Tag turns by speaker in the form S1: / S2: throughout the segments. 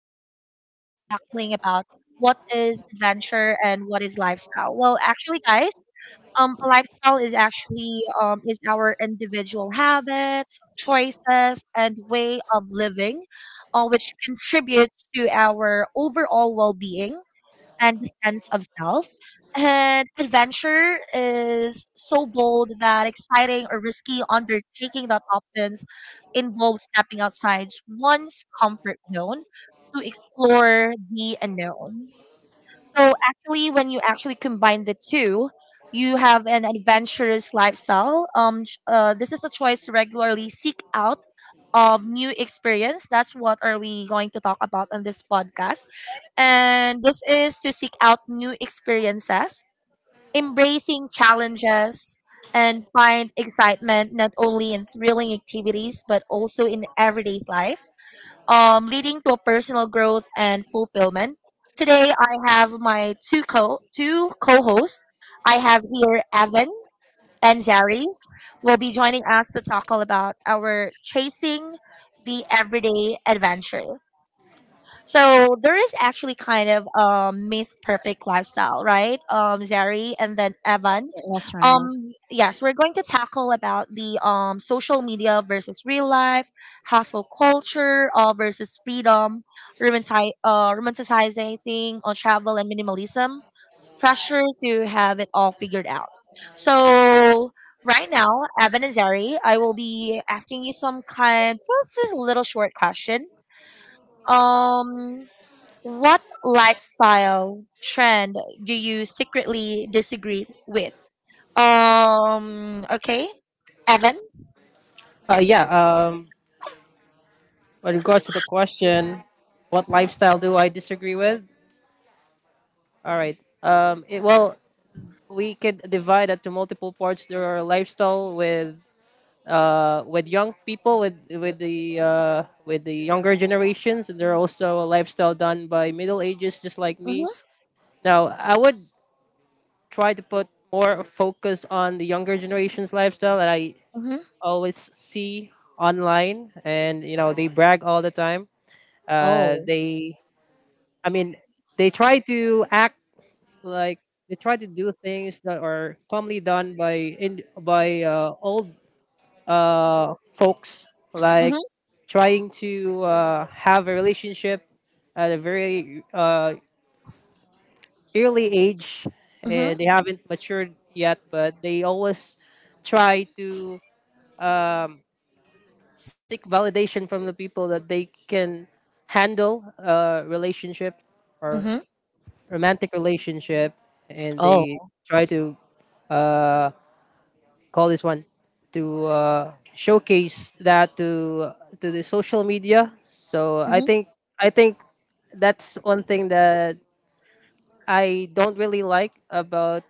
S1: are actually tackling about what is adventure and what is lifestyle. Well, actually, guys, a lifestyle is actually is our individual habits, choices, and way of living, which contributes to our overall well being and the sense of self. And adventure is so bold that exciting or risky undertaking that often involves stepping outside one's comfort zone to explore the unknown. So actually, when you actually combine the two, you have an adventurous lifestyle. This is a choice to regularly seek out of new experience. That's what are we going to talk about on this podcast. And this is to seek out new experiences, embracing challenges, and find excitement not only in thrilling activities but also in everyday life, leading to personal growth and fulfillment. Today, I have my two co-hosts. I have here Evan and Zari will be joining us to talk all about our chasing the everyday adventure. So there is actually kind of myth perfect lifestyle, right? Zari and then Evan.
S2: Yes, right.
S1: Yes, we're going to tackle about the social media versus real life, hustle culture versus freedom, romanticizing on travel and minimalism, pressure to have it all figured out. So right now, Evan and Zari, I will be asking you some kind, just a little short question. Um, what lifestyle trend do you secretly disagree with? Okay, Evan.
S3: Uh, yeah. Um, with regards to the question, what lifestyle do I disagree with? All right. We could divide that to multiple parts. There are lifestyle with young people, with with the younger generations. And there are also a lifestyle done by middle ages, just like me.
S1: Mm-hmm.
S3: Now, I would try to put more focus on the younger generation's lifestyle that I
S1: Mm-hmm.
S3: always see online, and you know they brag all the time.
S1: Oh.
S3: They I mean, they try to act like they try to do things that are commonly done by in by old folks, like
S1: Mm-hmm.
S3: trying to have a relationship at a very early age,
S1: Mm-hmm.
S3: and they haven't matured yet, but they always try to um, seek validation from the people that they can handle a relationship
S1: Mm-hmm.
S3: or romantic relationship and they
S1: Oh.
S3: try to uh, call this one to showcase that to the social media. So i
S1: Mm-hmm.
S3: think i think that's one thing that I don't really like about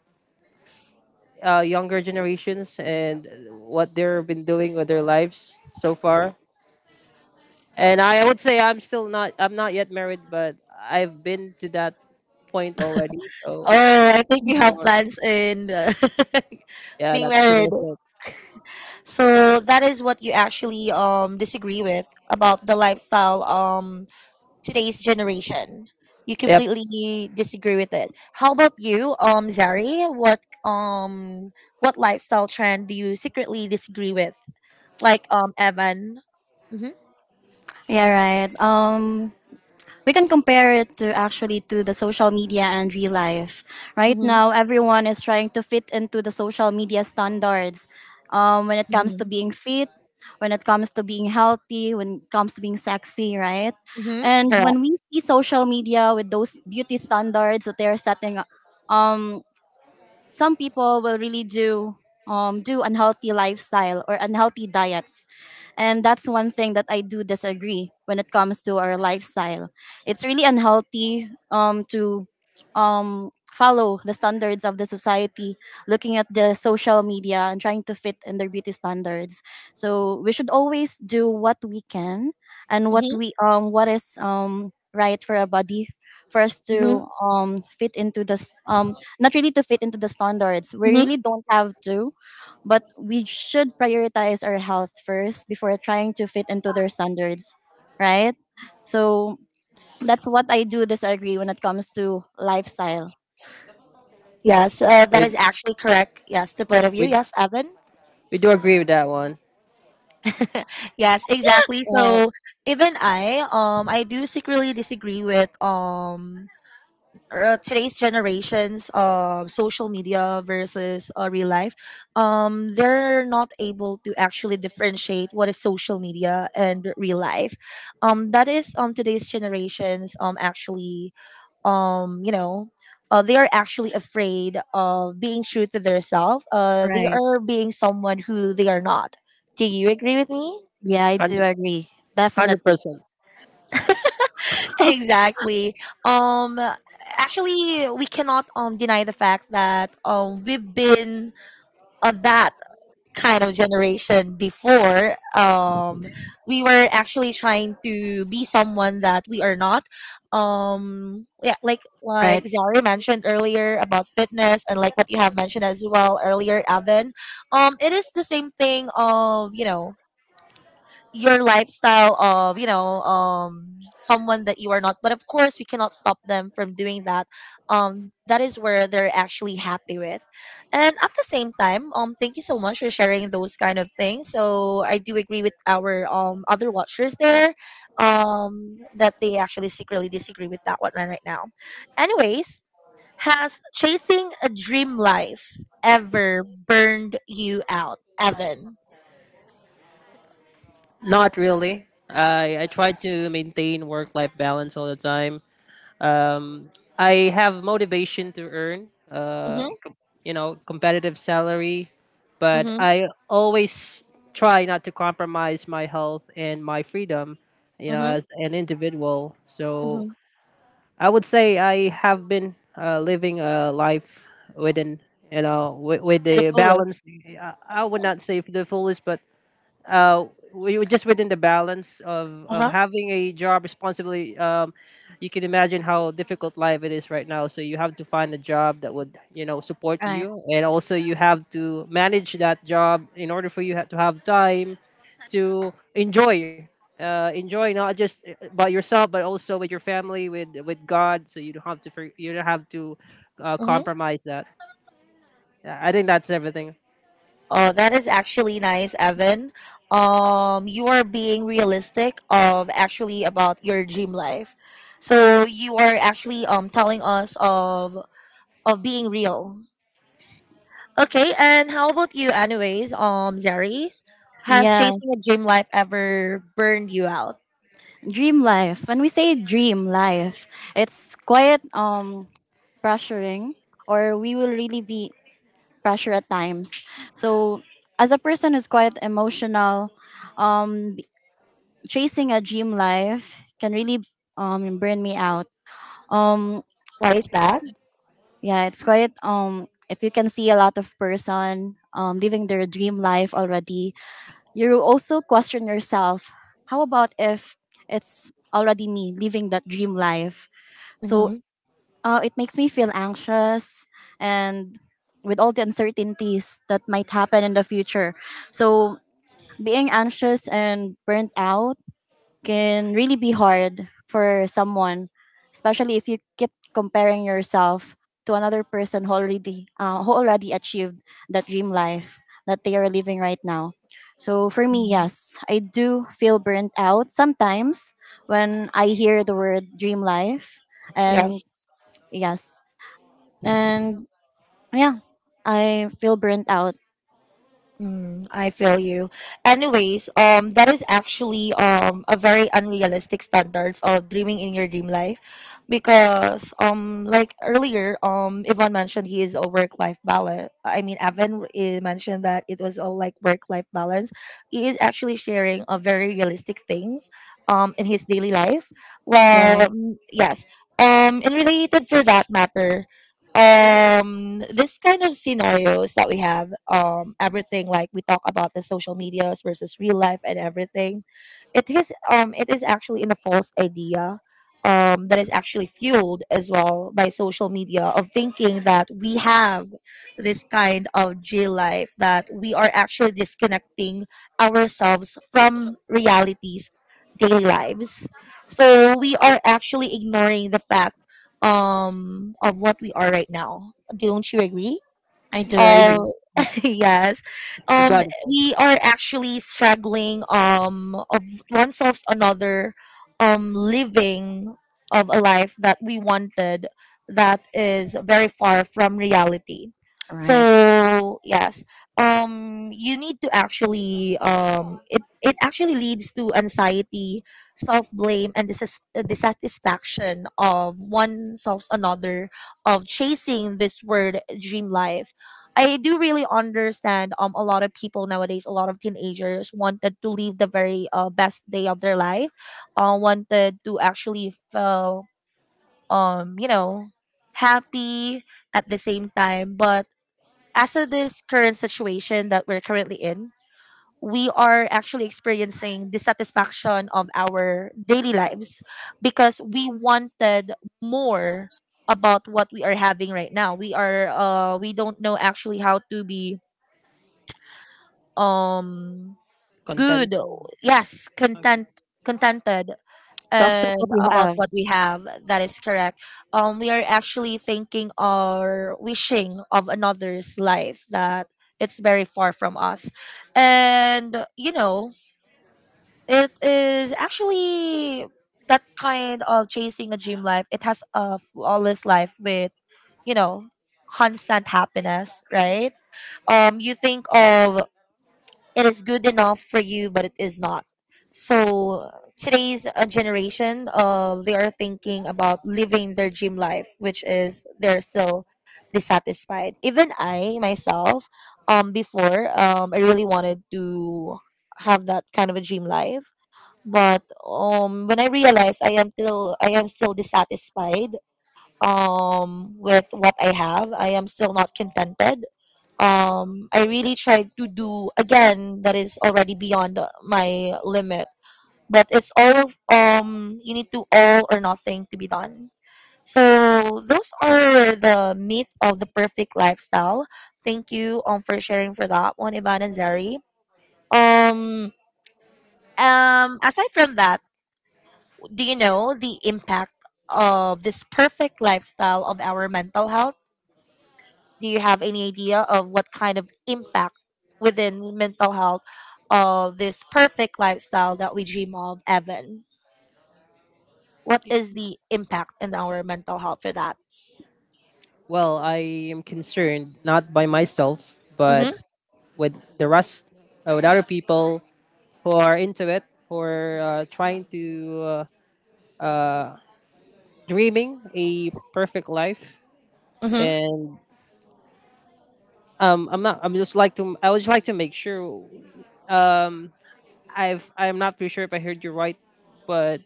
S3: younger generations and what they've been doing with their lives so far. And I would say I'm not yet married, but I've been to that point already. So I
S1: Oh, I think you have
S3: don't-
S1: plans in
S3: yeah,
S1: being
S3: that's pretty
S1: married.
S3: much it.
S1: So that is what you actually disagree with about the lifestyle today's generation. You
S3: Yeah.
S1: completely disagree with it. How about you, Zari? What lifestyle trend do you secretly disagree with? Like Evan. Mm-hmm.
S2: Yeah, right. We can compare it to actually to the social media and real life. Right
S1: Mm-hmm.
S2: now, everyone is trying to fit into the social media standards. When it comes to
S1: Mm-hmm.
S2: being fit, when it comes to being healthy, when it comes to being sexy, right?
S1: Mm-hmm.
S2: And
S1: Correct.
S2: when we see social media with those beauty standards that they are setting up, um, some people will really do unhealthy lifestyle or unhealthy diets. And that's one thing that I do disagree when it comes to our lifestyle. It's really unhealthy, to follow the standards of the society, looking at the social media and trying to fit in their beauty standards. So we should always do what we can and what
S1: Mm-hmm.
S2: we um what is um right for our body, for us
S1: Mm-hmm.
S2: to fit into the s- not really to fit into the standards. We
S1: Mm-hmm.
S2: really don't have to, but we should prioritize our health first before trying to fit into their standards, right? So that's what I do disagree when it comes to lifestyle.
S1: Yes, that
S3: We
S1: is actually correct. Yes, the both of you.
S3: we
S1: Yes, Evan.
S3: we do agree with that one.
S1: Yes, exactly.
S2: Right.
S1: So even I do secretly disagree with today's generations social media versus real life, they're not able to actually differentiate what is social media and real life, that is today's generations actually, um, you know they are actually afraid of being true to themselves. They
S2: Right.
S1: are being someone who they are not. Do you agree with me?
S2: Yeah, I
S3: one
S2: do agree.
S3: Hundred
S2: Definitely.
S3: percent.
S1: Exactly. um actually we cannot deny the fact that we've been of that kind of generation before. We were actually trying to be someone that we are not. Yeah, like
S2: Right.
S1: Zari mentioned earlier about fitness and like what you have mentioned as well earlier, Evan. It is the same thing of, you know, your lifestyle of, you know, someone that you are not, but of course we cannot stop them from doing that. That is where they're actually happy with, and at the same time, thank you so much for sharing those kind of things. So I do agree with our other watchers there, that they actually secretly disagree with that one. Right now, anyways, has chasing a dream life ever burned you out, Evan?
S3: Not really. I try to maintain work life balance all the time. Um, I have motivation to earn.
S1: Mm-hmm.
S3: You know, competitive salary, but
S1: Mm-hmm.
S3: I always try not to compromise my health and my freedom. You know,
S1: Mm-hmm.
S3: as an individual. So
S1: Mm-hmm.
S3: I would say I have been living a life within, you know, with,
S1: To the
S3: the
S1: fullest.
S3: balance. I would not say the fullest, but uh, we were just within the balance of,
S1: Uh huh.
S3: having a job responsibility. You can imagine how difficult life it is right now. So you have to find a job that would you know support
S2: Right.
S3: you, and also you have to manage that job in order for you to have time to enjoy. Enjoy not just by yourself, but also with your family, with God. So you don't have to you don't have to
S1: Mm-hmm.
S3: compromise that. Yeah, I think that's everything.
S1: Oh, that is actually nice, Evan. You are being realistic of actually about your dream life. So you are actually telling us of being real. Okay, and how about you, anyways? Zari, has
S2: Yeah.
S1: chasing a dream life ever burned you out?
S2: Dream life. When we say dream life, it's quite pressuring, or we will really be pressure at times. So as a person who's quite emotional, um, chasing a dream life can really burn me out. Um
S1: Why is that?
S2: yeah, it's quite if you can see a lot of person living their dream life already, you also question yourself, how about if it's already me living that dream life? So
S1: Mm-hmm.
S2: it makes me feel anxious, and with all the uncertainties that might happen in the future. So being anxious and burnt out can really be hard for someone, especially if you keep comparing yourself to another person who already achieved that dream life that they are living right now. So for me,
S1: Mm-hmm.
S2: yes, I do feel burnt out sometimes when I hear the word dream life, and
S1: Yes.
S2: yes, and yeah, I feel burnt out.
S1: Mm, I feel you. Anyways, that is actually a very unrealistic standards of dreaming in your dream life, because like earlier Yvonne mentioned he is a work life balance. I mean Evan mentioned that it was all like work life balance. He is actually sharing a very realistic things in his daily life.
S2: Yeah, right.
S1: Well, mm, yes. And related for that matter, this kind of scenarios that we have, everything like we talk about the social medias versus real life and everything, it is it is actually in a false idea, that is actually fueled as well by social media of thinking that we have this kind of jail life, that we are actually disconnecting ourselves from realities daily lives. So we are actually ignoring the fact, of what we are right now. Don't you agree?
S2: I do
S3: We do.
S2: agree.
S1: Oh, yes.
S3: We
S1: Um,
S3: got it.
S1: we are actually struggling of oneself another, living of a life that we wanted, that is very far from reality.
S2: Right.
S1: So yes, you need to actually it it actually leads to anxiety, self blame, and dissatisfaction of oneself another of chasing this word dream life. I do really understand a lot of people nowadays, a lot of teenagers wanted to live the very best day of their life, wanted to actually feel um you know happy at the same time. But as of this current situation that we're currently in, we are actually experiencing dissatisfaction of our daily lives because we wanted more about what we are having right now. We are we don't know actually how to be um
S3: Contented.
S1: good. Yes, content, contented,
S2: To accept what
S1: and
S2: you
S1: about
S2: have.
S1: what we have. That is correct. We are actually thinking or wishing of another's life, that it's very far from us, and you know it is actually that kind of chasing a dream life. It has a flawless life with, you know, constant happiness, right? You think of it is good enough for you, but it is not. So today's generation, they are thinking about living their dream life, which is they're still dissatisfied. Even I myself, before, I really wanted to have that kind of a dream life. But when I realized I am still dissatisfied with what I have, I am still not contented. I really tried to do again that is already beyond my limit, but it's all of, you need to all or nothing to be done. So those are the myths of the perfect lifestyle. Thank you for sharing for that one, Ivan and Zari. um aside from that, do you know the impact of this perfect lifestyle of our mental health? Do you have any idea of what kind of impact within mental health of this perfect lifestyle that we dream of, Evan? What is the impact in our mental health for that?
S3: Well, I am concerned not by myself, but mhm,
S1: Mm-hmm.
S3: with the rest, with other people who are into it, who are trying to uh, dreaming a perfect life,
S1: Mm-hmm.
S3: and I'm not. I would just like to make sure. Um, I'm not pretty sure if I heard you right, but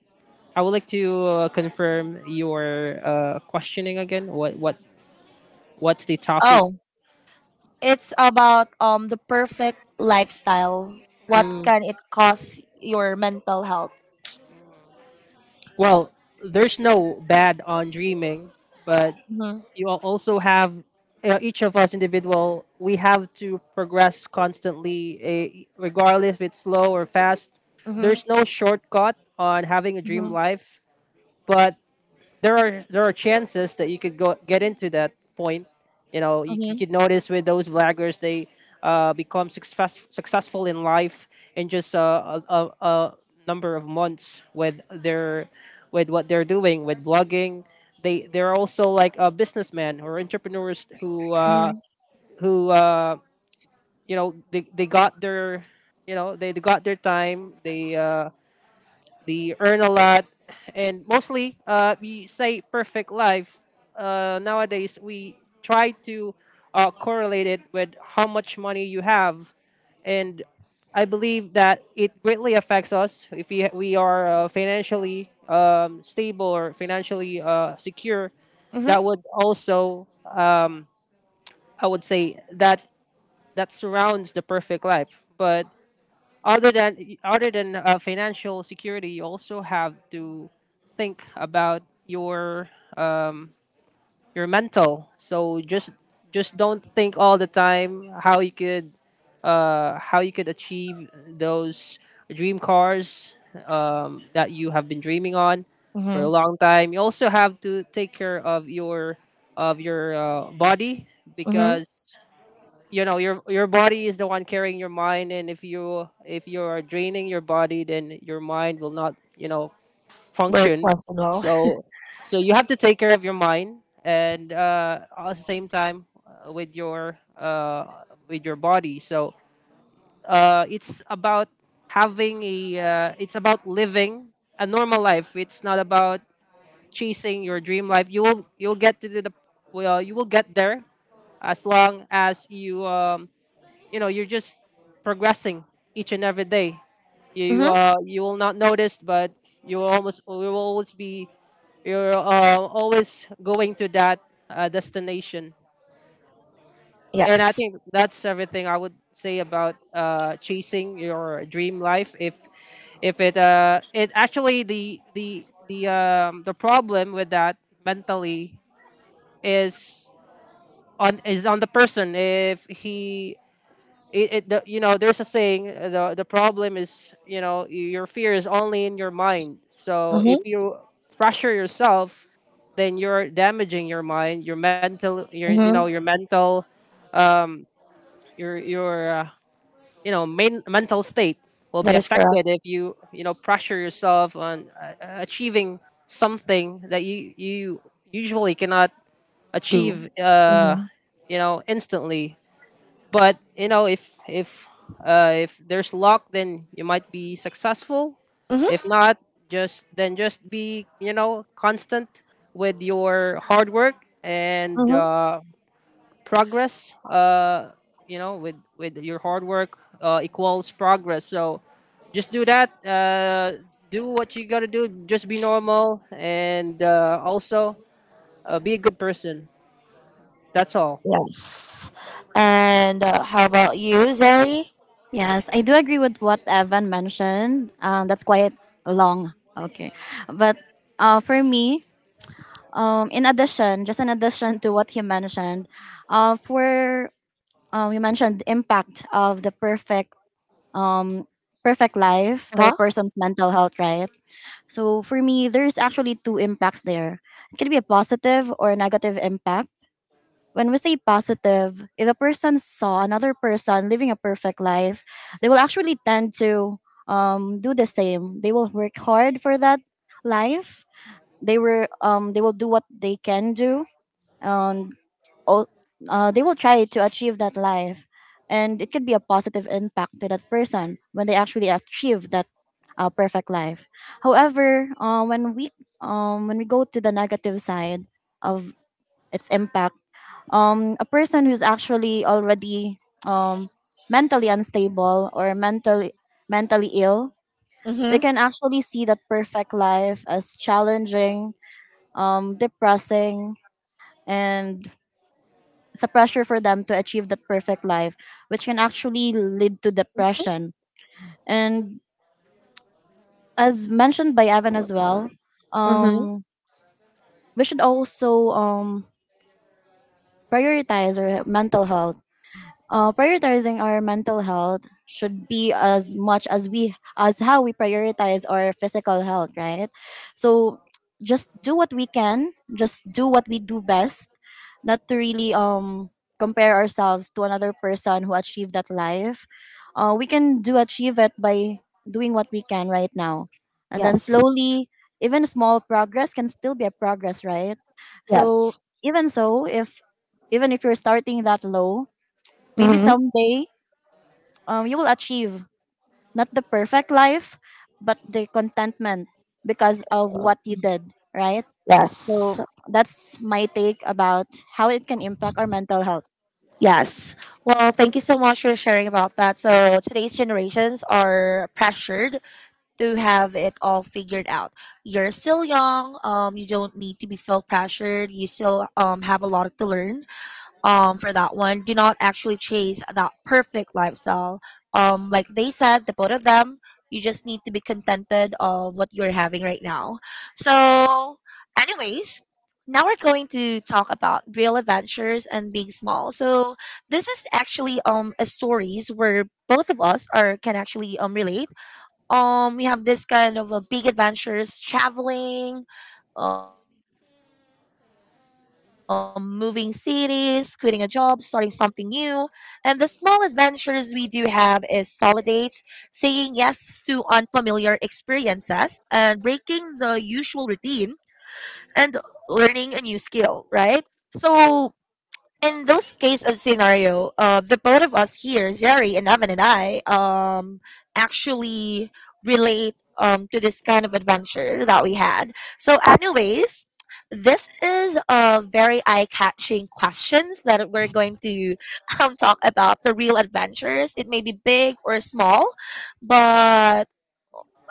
S3: I would like to confirm your questioning again. What what's the topic?
S1: Oh, it's about the perfect lifestyle. What
S3: Mm,
S1: can it cost your mental health?
S3: well, there's no bad on dreaming, but
S1: Mm-hmm.
S3: you all also have each of us individual we have to progress constantly eh, regardless if it's slow or fast.
S1: Mm-hmm.
S3: There's no shortcut on having a dream
S1: Mm-hmm.
S3: life, but there are chances that you could go get into that point. You know, you could notice with those vloggers, they become successful in life in just a number of months with their with what they're doing with blogging. They they're also like businessmen or entrepreneurs
S1: Mm-hmm. Mm-hmm.
S3: who you know they got their you know they got their time, they earn a lot, and mostly, we say perfect life. Nowadays, we try to correlate it with how much money you have, and I believe that it greatly affects us if we are financially stable or financially secure.
S1: Mm-hmm.
S3: That would also, I would say, that surrounds the perfect life, but other than financial security you also have to think about your mental. So just don't think all the time how you could achieve those dream cars that you have been dreaming on for
S1: Mm-hmm.
S3: a long time. You also have to take care of your body,
S1: Mm-hmm.
S3: because you know your body is the one carrying your mind, and if you are draining your body then your mind will not you know
S1: Work
S3: function.
S1: functional.
S3: So you have to take care of your mind and at the same time with your body. So it's about having a it's about living a normal life. It's not about chasing your dream life. You will you will get there as long as you you know you're just progressing each and every day. you you,
S1: Mm-hmm.
S3: uh, you will not notice, but you will always be you're always going to that destination. And I
S1: Yes.
S3: think that's everything I would say about chasing your dream life. If it It actually the problem with that mentally is is on the person. If he it, it the, You know, there's a saying the problem is, you know, your fear is only in your mind. So if
S1: Mm-hmm.
S3: you pressure yourself then you're damaging your mind, your mental, your you know
S1: Mm-hmm.
S3: your mental your you know mental state will be
S1: That is correct.
S3: affected if you you know pressure yourself on achieving something that you usually cannot
S1: Do.
S3: achieve
S1: Mm-hmm.
S3: you know instantly. But you know, if there's luck, then you might be successful. If
S1: Mm-hmm.
S3: not, just be you know constant with your hard work and
S1: Mm-hmm.
S3: progress. You know, with your hard work equals progress. So just do that. Do what you gotta do. Just be normal and also be a good person. That's all.
S1: Yes. And how about you, Zoe?
S2: Yes, I do agree with what Evan mentioned. That's quite long. Okay. But for me, in addition, just in addition to what he mentioned, for you mentioned the impact of the perfect um, perfect life to
S1: Huh?
S2: a person's mental health, right? So for me, there's actually two impacts there. It can be a positive or a negative impact. When we say positive, if a person saw another person living a perfect life, they will actually tend to do the same. They will work hard for that life. They will do what they can do, and al- they will try to achieve that life. And it could be a positive impact to that person when they actually achieve that perfect life. However, when we go to the negative side of its impact, a person who's actually already um, mentally unstable or mentally ill, they
S1: Mm-hmm.
S2: can actually see that perfect life as challenging, depressing, and it's a pressure for them to achieve that perfect life, which can actually lead to depression. And as mentioned by Evan as well,
S1: Mm-hmm.
S2: um, we should also prioritize our mental health. Prioritizing our mental health should be as much as we as how we prioritize our physical health, right? So just do what we can, just do what we do best, not to really compare ourselves to another person who achieved that life. We can do achieve it by doing what we can right now, and then
S1: Yes.
S2: slowly, even small progress can still be a progress, right? So
S1: Yes.
S2: even if you're starting that low, maybe
S1: Mm-hmm.
S2: someday, you will achieve not the perfect life, but the contentment because of what you did, right?
S1: Yes.
S2: So that's my take about how it can impact our mental health.
S1: Yes. Well, thank you so much for sharing about that. So, today's generations are pressured to have it all figured out. You're still young. You don't need to be feel pressured. You still have a lot to learn. For that one, do not actually chase that perfect lifestyle. Like they said, the both of them, you just need to be contented of what you're having right now. So anyways, now we're going to talk about real adventures and being small. So this is actually a stories where both of us are can actually relate. We have this kind of a big adventures traveling, moving cities, quitting a job, starting something new, and the small adventures we do have is solid dates, saying yes to unfamiliar experiences and breaking the usual routine, and learning a new skill, right? So in those case of scenario, the both of us here, Zeri and Evan and I, actually relate to this kind of adventure that we had. So, anyways, this is a very eye-catching questions that we're going to talk about the real adventures. It may be big or small, but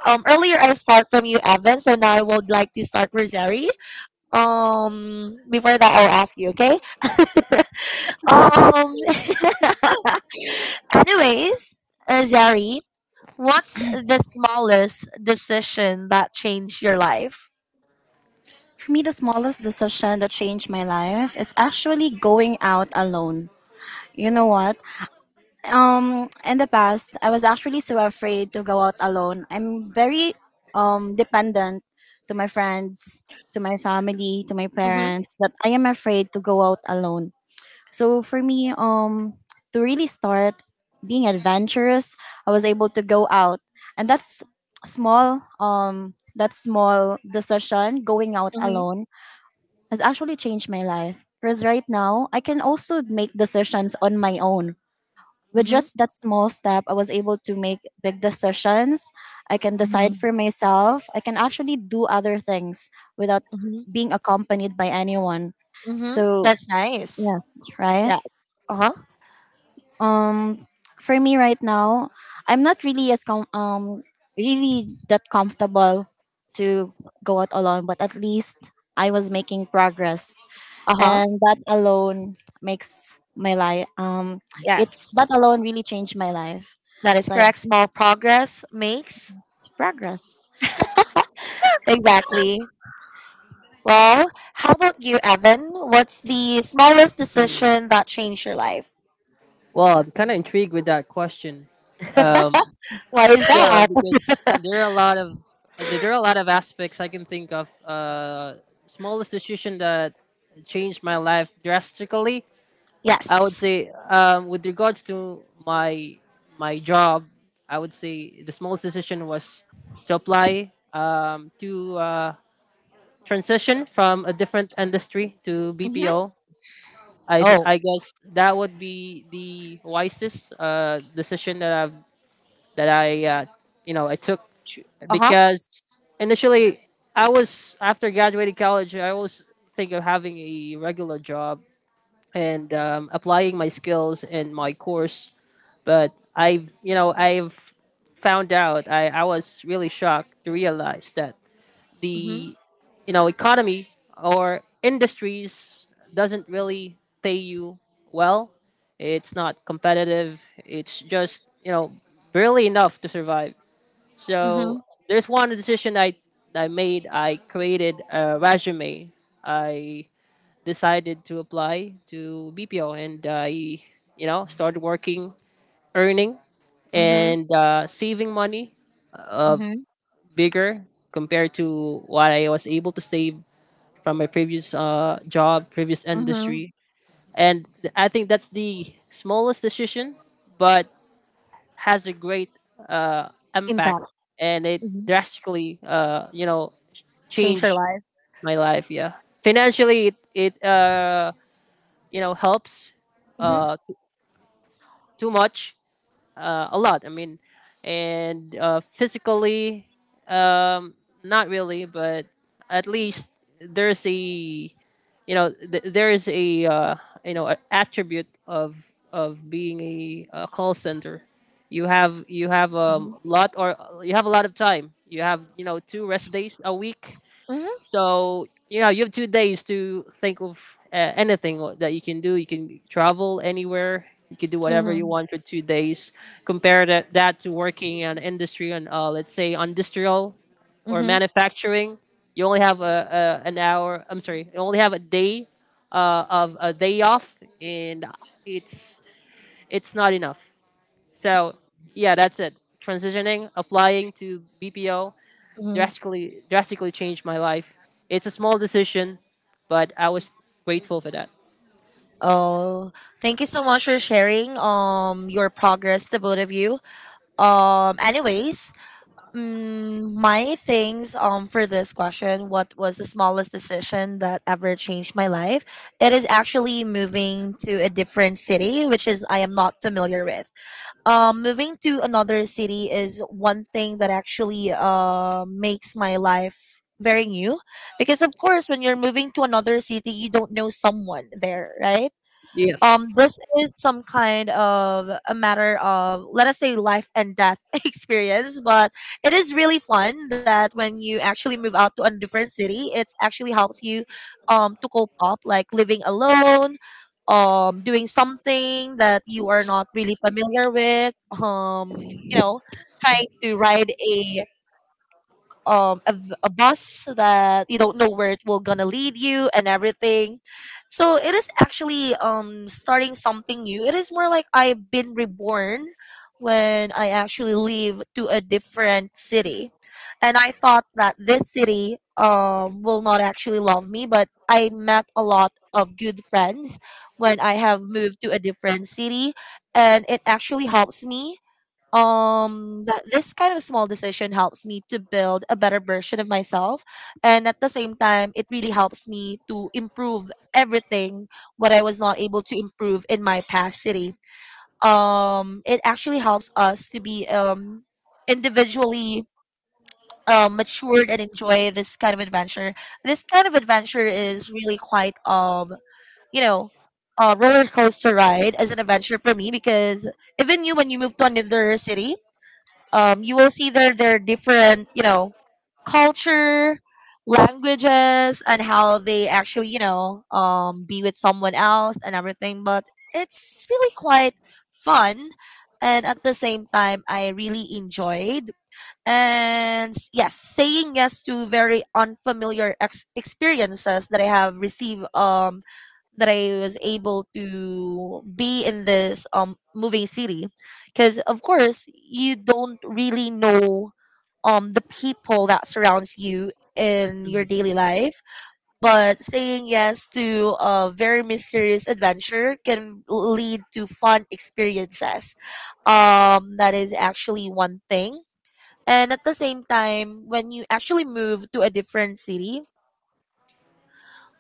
S1: earlier I start from you, Evan. So now I would like to start with Zeri. Before that, I'll ask you. Okay. Um. anyways, Zari, what's the smallest decision that changed your life?
S2: For me, the smallest decision that changed my life is actually going out alone. You know what? In the past, I was actually so afraid to go out alone. I'm very dependent to my friends, to my family, to my
S1: Mm-hmm.
S2: parents, that I am afraid to go out alone. So for me, to really start being adventurous, I was able to go out, and that's small. That small decision, going out
S1: Mm-hmm.
S2: alone, has actually changed my life. Because right now, I can also make decisions on my own. With
S1: Mm-hmm.
S2: just that small step, I was able to make big decisions. I can
S1: Mm-hmm.
S2: decide for myself. I can actually do other things without
S1: Mm-hmm.
S2: being accompanied by anyone.
S1: Mm-hmm.
S2: So,
S1: That's nice.
S2: yes, right?
S1: Yes. Uh huh.
S2: um for me right now, I'm not really really that comfortable to go out alone, but at least I was making progress,
S1: Uh huh.
S2: and that alone makes my life it
S1: Yes.
S2: that alone really changed my life,
S1: That is
S2: like
S1: correct. Small progress makes.
S2: progress.
S1: Exactly. Well, how about you, Evan? What's the smallest decision that changed your life?
S3: Well, I'm kind of intrigued with that question. Um,
S1: What is
S3: yeah,
S1: that?
S3: because there are a lot of there are a lot of aspects I can think of. Smallest decision that changed my life drastically, I would
S1: Yes.
S3: say, with regards to my my job, I would say the smallest decision was to apply to transition from a different industry to
S1: Mm-hmm.
S3: BPO.
S1: Oh.
S3: I guess that would be the wisest decision that I've that I you know I took.
S1: Uh
S3: Because initially I was after graduating college I always think of having a regular job and applying my skills in my course, but I've you know I've found out I was really shocked to realize that
S1: huh.
S3: the you know economy or industries doesn't really pay you well. It's not competitive. It's just you know barely enough to survive. So
S1: Mhm.
S3: there's one decision I made. I created a resume. I decided to apply to BPO, and I you know started working, earning,
S1: Mhm.
S3: and saving money uh,
S1: Mhm.
S3: bigger compared to what I was able to save from my previous job, previous
S1: Mhm.
S3: industry. And I think that's the smallest decision, but has a great uh, impact,
S1: Impact.
S3: and it
S1: Mhm.
S3: drastically, you know,
S1: Change your
S3: changed
S1: life.
S3: my life. Yeah, financially, it you know helps
S1: Mhm.
S3: uh, t- too much a lot. I mean, and physically, um, not really, but at least there's a there is a you know a attribute of being a, call center. You have a
S1: Mhm.
S3: lot or you have a lot of time. You have you know two rest days a week,
S1: Mhm.
S3: so you know you have 2 days to think of anything that you can do. You can travel anywhere. You can do whatever you
S1: Mhm.
S3: want for 2 days. Compare that to working in industry and let's say industrial or
S1: Mhm.
S3: manufacturing. You only have a an hour. I'm sorry. You only have a day of a day off, and it's it's not enough. So yeah, that's it. Transitioning, applying to BPO,
S1: Mhm.
S3: drastically changed my life. It's a small decision, but I was grateful for that.
S1: Oh, thank you so much for sharing your progress, the both of you. Anyways, mm, my things for this question, what was the smallest decision that ever changed my life? It is actually moving to a different city, which is I am not familiar with. Moving to another city is one thing that actually makes my life very new, because of course when you're moving to another city you don't know someone there, right?
S3: Yes.
S1: This is some kind of a matter of, let us say, life and death experience, but it is really fun that when you actually move out to a different city, it's actually helps you to cope up, like living alone, doing something that you are not really familiar with, um you know trying to ride a a bus that you don't know where it will gonna lead you, and everything. So it is actually, starting something new, it is more like I've been reborn when I actually leave to a different city. And I thought that this city will not actually love me, but I met a lot of good friends when I have moved to a different city. And it actually helps me, that this kind of small decision helps me to build a better version of myself. And at the same time, it really helps me to improve everything what I was not able to improve in my past city. It actually helps us to be individually matured and enjoy this kind of adventure. This kind of adventure is really quite, you know a roller coaster ride as an adventure for me, because even you, when you move to another city, you will see their different, you know, culture, languages, and how they actually, you know, be with someone else and everything. But it's really quite fun. And at the same time, I really enjoyed, yes, saying yes to very unfamiliar experiences that I have received, that I was able to be in this moving city. Because of course you don't really know the people that surrounds you in your daily life. But saying yes to a very mysterious adventure can lead to fun experiences. That is actually one thing. And at the same time, when you actually move to a different city,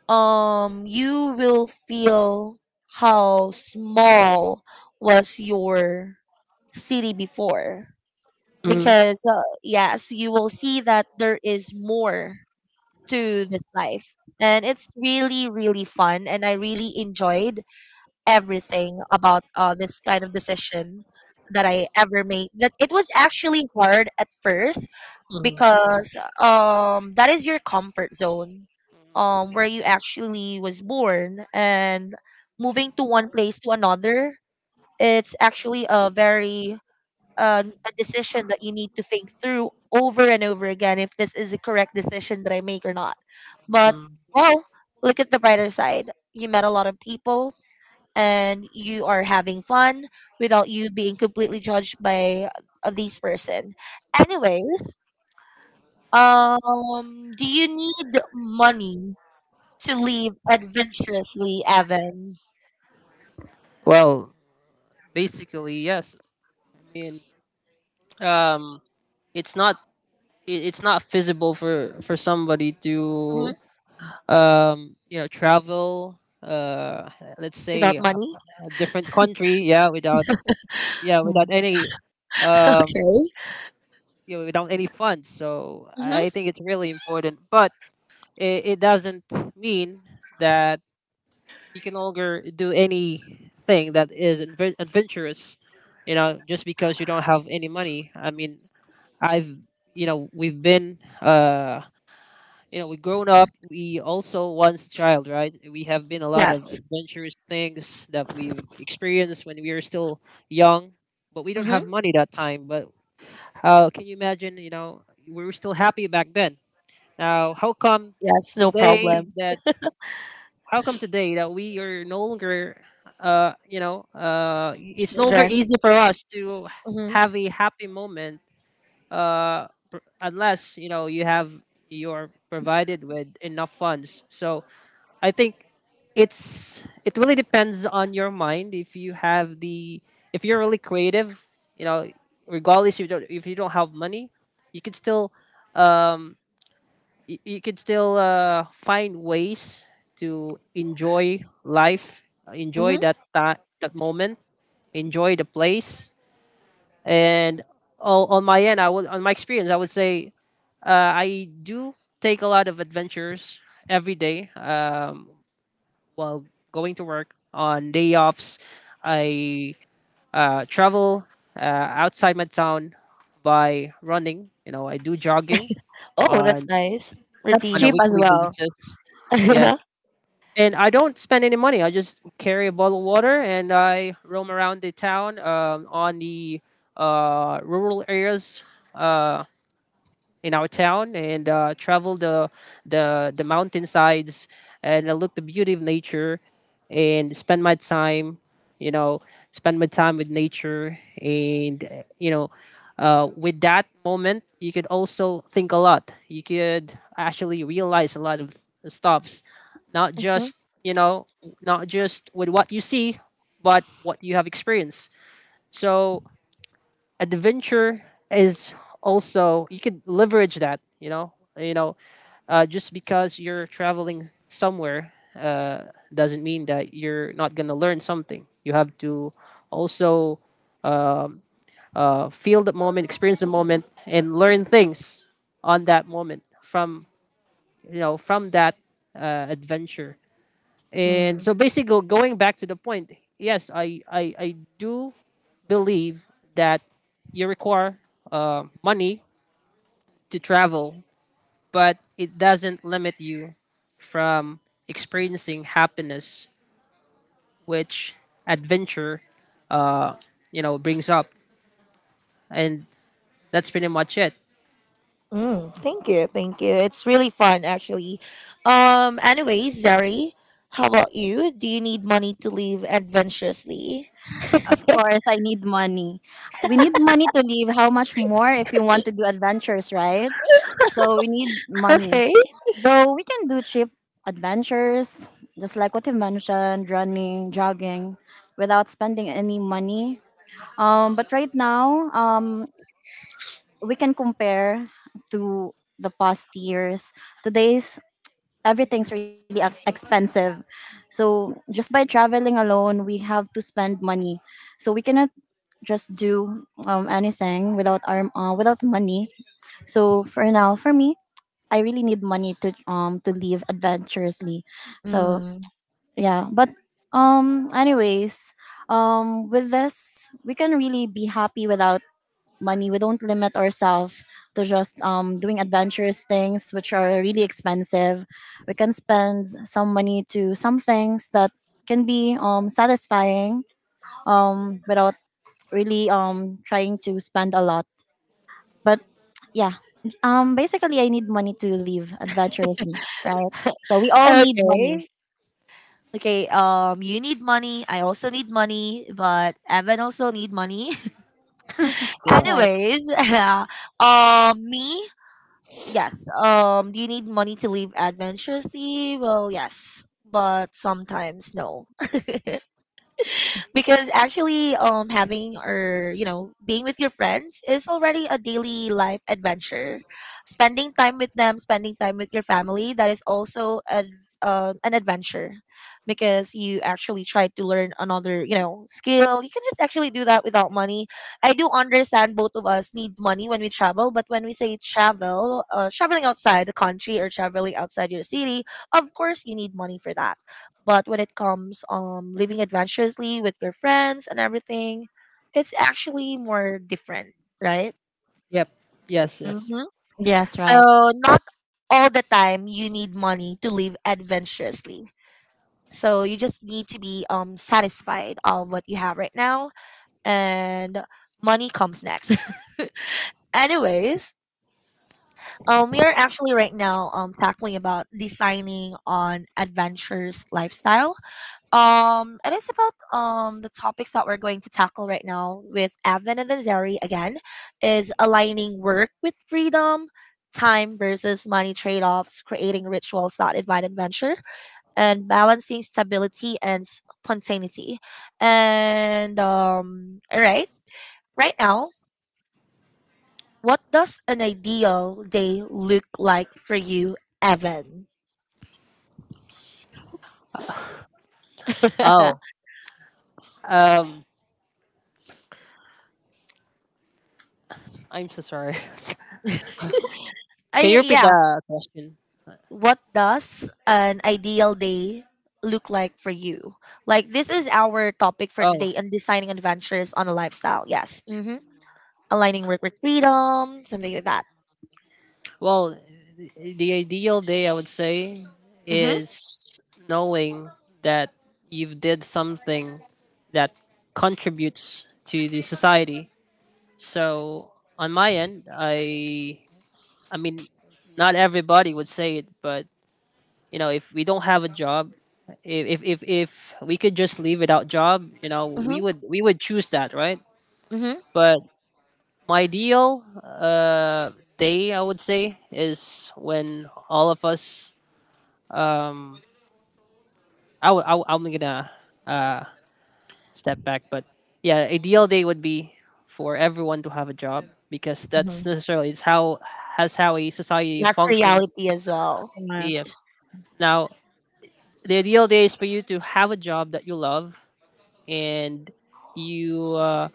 S1: you will feel how small was your city before.
S3: Mm.
S1: Because, yes, you will see that there is more to this life. And it's really, really fun. And I really enjoyed everything about this kind of decision that I ever made. That it was actually hard at first,
S3: Mm.
S1: because that is your comfort zone, where you actually was born. And moving to one place to another, it's actually a very a decision that you need to think through over and over again if this is the correct decision that I make or not. But, well, look at the brighter side, you met a lot of people, and you are having fun without you being completely judged by these person. Anyways, do you need money to live adventurously, Evan?
S3: Well, basically, yes. I mean, um, it's not it's not feasible for somebody
S1: Hmm.
S3: to travel let's say
S1: Without money?
S3: a different country, yeah, without yeah without
S2: Mm.
S3: any um
S1: Okay.
S3: without any funds. So I
S1: Hmm.
S3: think it's really important, but it doesn't mean that you can no longer do anything that is adventurous, you know, just because you don't have any money. I mean, I've we've been you know, we've grown up. We also once a child, right? We have been a lot of
S1: Yes.
S3: adventurous things that we've experienced when we were still young, but we don't
S1: Hmm.
S3: have money that time. But how can you imagine, you know, we were still happy back then? Now how come
S1: Yes, no
S3: today
S1: problem.
S3: that how come today that we are no longer it's no longer
S1: Children.
S3: easy for us to
S1: Hmm.
S3: have a happy moment, unless, you know, you have you're provided with enough funds. So I think it's it really depends on your mind. If you have the if you're really creative, you know, regardless, if you don't have money, you can still um you could still find ways to enjoy life,
S1: Hmm.
S3: enjoy that moment, enjoy the place. And on my end, I would on my experience, I would say I do take a lot of adventures every day, while going to work on day offs. I travel outside my town by running. You know, I do jogging
S1: Oh, that's
S3: on
S1: nice.
S2: That's
S3: on a
S1: Routine.
S2: cheap as
S3: weekly
S2: well.
S3: basis.
S1: Hmm.
S3: Yes, and I don't spend any money. I just carry a bottle of water and I roam around the town, on the rural areas. Uh, in our town, and travel the the mountainsides, and look the beauty of nature, and spend my time, you know, spend my time with nature. And you know, with that moment, you could also think a lot. You could actually realize a lot of stuffs, not just, you know, not just with what you see, but what you have experienced. So adventure is also you could leverage that, you know, just because you're traveling somewhere, doesn't mean that you're not going to learn something. You have to also feel the moment, experience the moment, and learn things on that moment from, you know, from that adventure. And so basically going back to the point, yes, I do believe that you require money to travel, but it doesn't limit you from experiencing happiness, which adventure, uh, you know, brings up. And that's pretty much it.
S1: Mm, thank you. Thank you. It's really fun, actually. Anyways, Zari, how about you? Do you need money to live adventurously?
S2: Of course I need money. We need money to live, how much more if we want to do adventures, right? So we need
S1: Okay.
S2: money. Though we can do cheap adventures, just like what you mentioned, running, jogging, without spending any money. But right now, we can compare to the past years. Today's everything's really expensive. So just by traveling alone, we have to spend money. So we cannot just do anything without our without money. So for now, for me, I really need money to live adventurously. So
S1: Mm.
S2: yeah, but anyways, with this, we can really be happy without money. We don't limit ourselves to just doing adventurous things which are really expensive. We can spend some money to some things that can be satisfying, without really trying to spend a lot. But yeah. Basically, I need money to live adventurously, right? So we all need money.
S1: Okay. Okay, you need money. I also need money, but Evan also need money.
S3: Yeah.
S2: Right.
S1: Anyways, me, yes. Do you need money to live adventurously? Well, yes, but sometimes no. Because actually, having, or you know, being with your friends is already a daily life adventure. Spending time with them, spending time with your family, that is also a, an adventure, because you actually try to learn another, you know, skill. You can just actually do that without money. I do understand both of us need money when we travel, but when we say travel, traveling outside the country or traveling outside your city, of course you need money for that. But when it comes living adventurously with your friends and everything, it's actually more different, right?
S3: Yep. Yes. Yes.
S1: Mm-hmm.
S2: Yes, right.
S1: So not all the time you need money to live adventurously. So you just need to be satisfied of what you have right now, and money comes next. Anyways, we are actually right now tackling about designing on adventurous lifestyle. And it's about the topics that we're going to tackle right now with Avin and Zeri again is aligning work with freedom, time versus money trade-offs, creating rituals that invite adventure, and balancing stability and spontaneity. And all right, right now, what does an ideal day look like for you, Evan?
S3: Oh. Um. I'm so sorry.
S1: I
S3: Can you repeat
S1: yeah,
S3: the question?
S1: what does an ideal day look like for you? Like this is our topic for
S3: Oh.
S1: today on designing adventures on a lifestyle. Yes. Mm-hmm. Aligning work with freedom, something like that.
S3: Well, the ideal day, I would say,
S1: Mm-hmm.
S3: is knowing that you've did something that contributes to the society. So on my end, I mean, not everybody would say it, but you know, if we don't have a job, if we could just leave without job, you know,
S1: Mm-hmm.
S3: we would choose that, right?
S1: Mm-hmm.
S3: But my ideal day, I would say, is when all of us um, I'm gonna uh, step back. But yeah, ideal day would be for everyone to have a job, because that's
S1: Mm-hmm.
S3: necessarily it's how has how a society
S1: That's
S3: functions.
S1: reality as well.
S2: Correct.
S3: Yes. Now, the ideal day is for you to have a job that you love, and you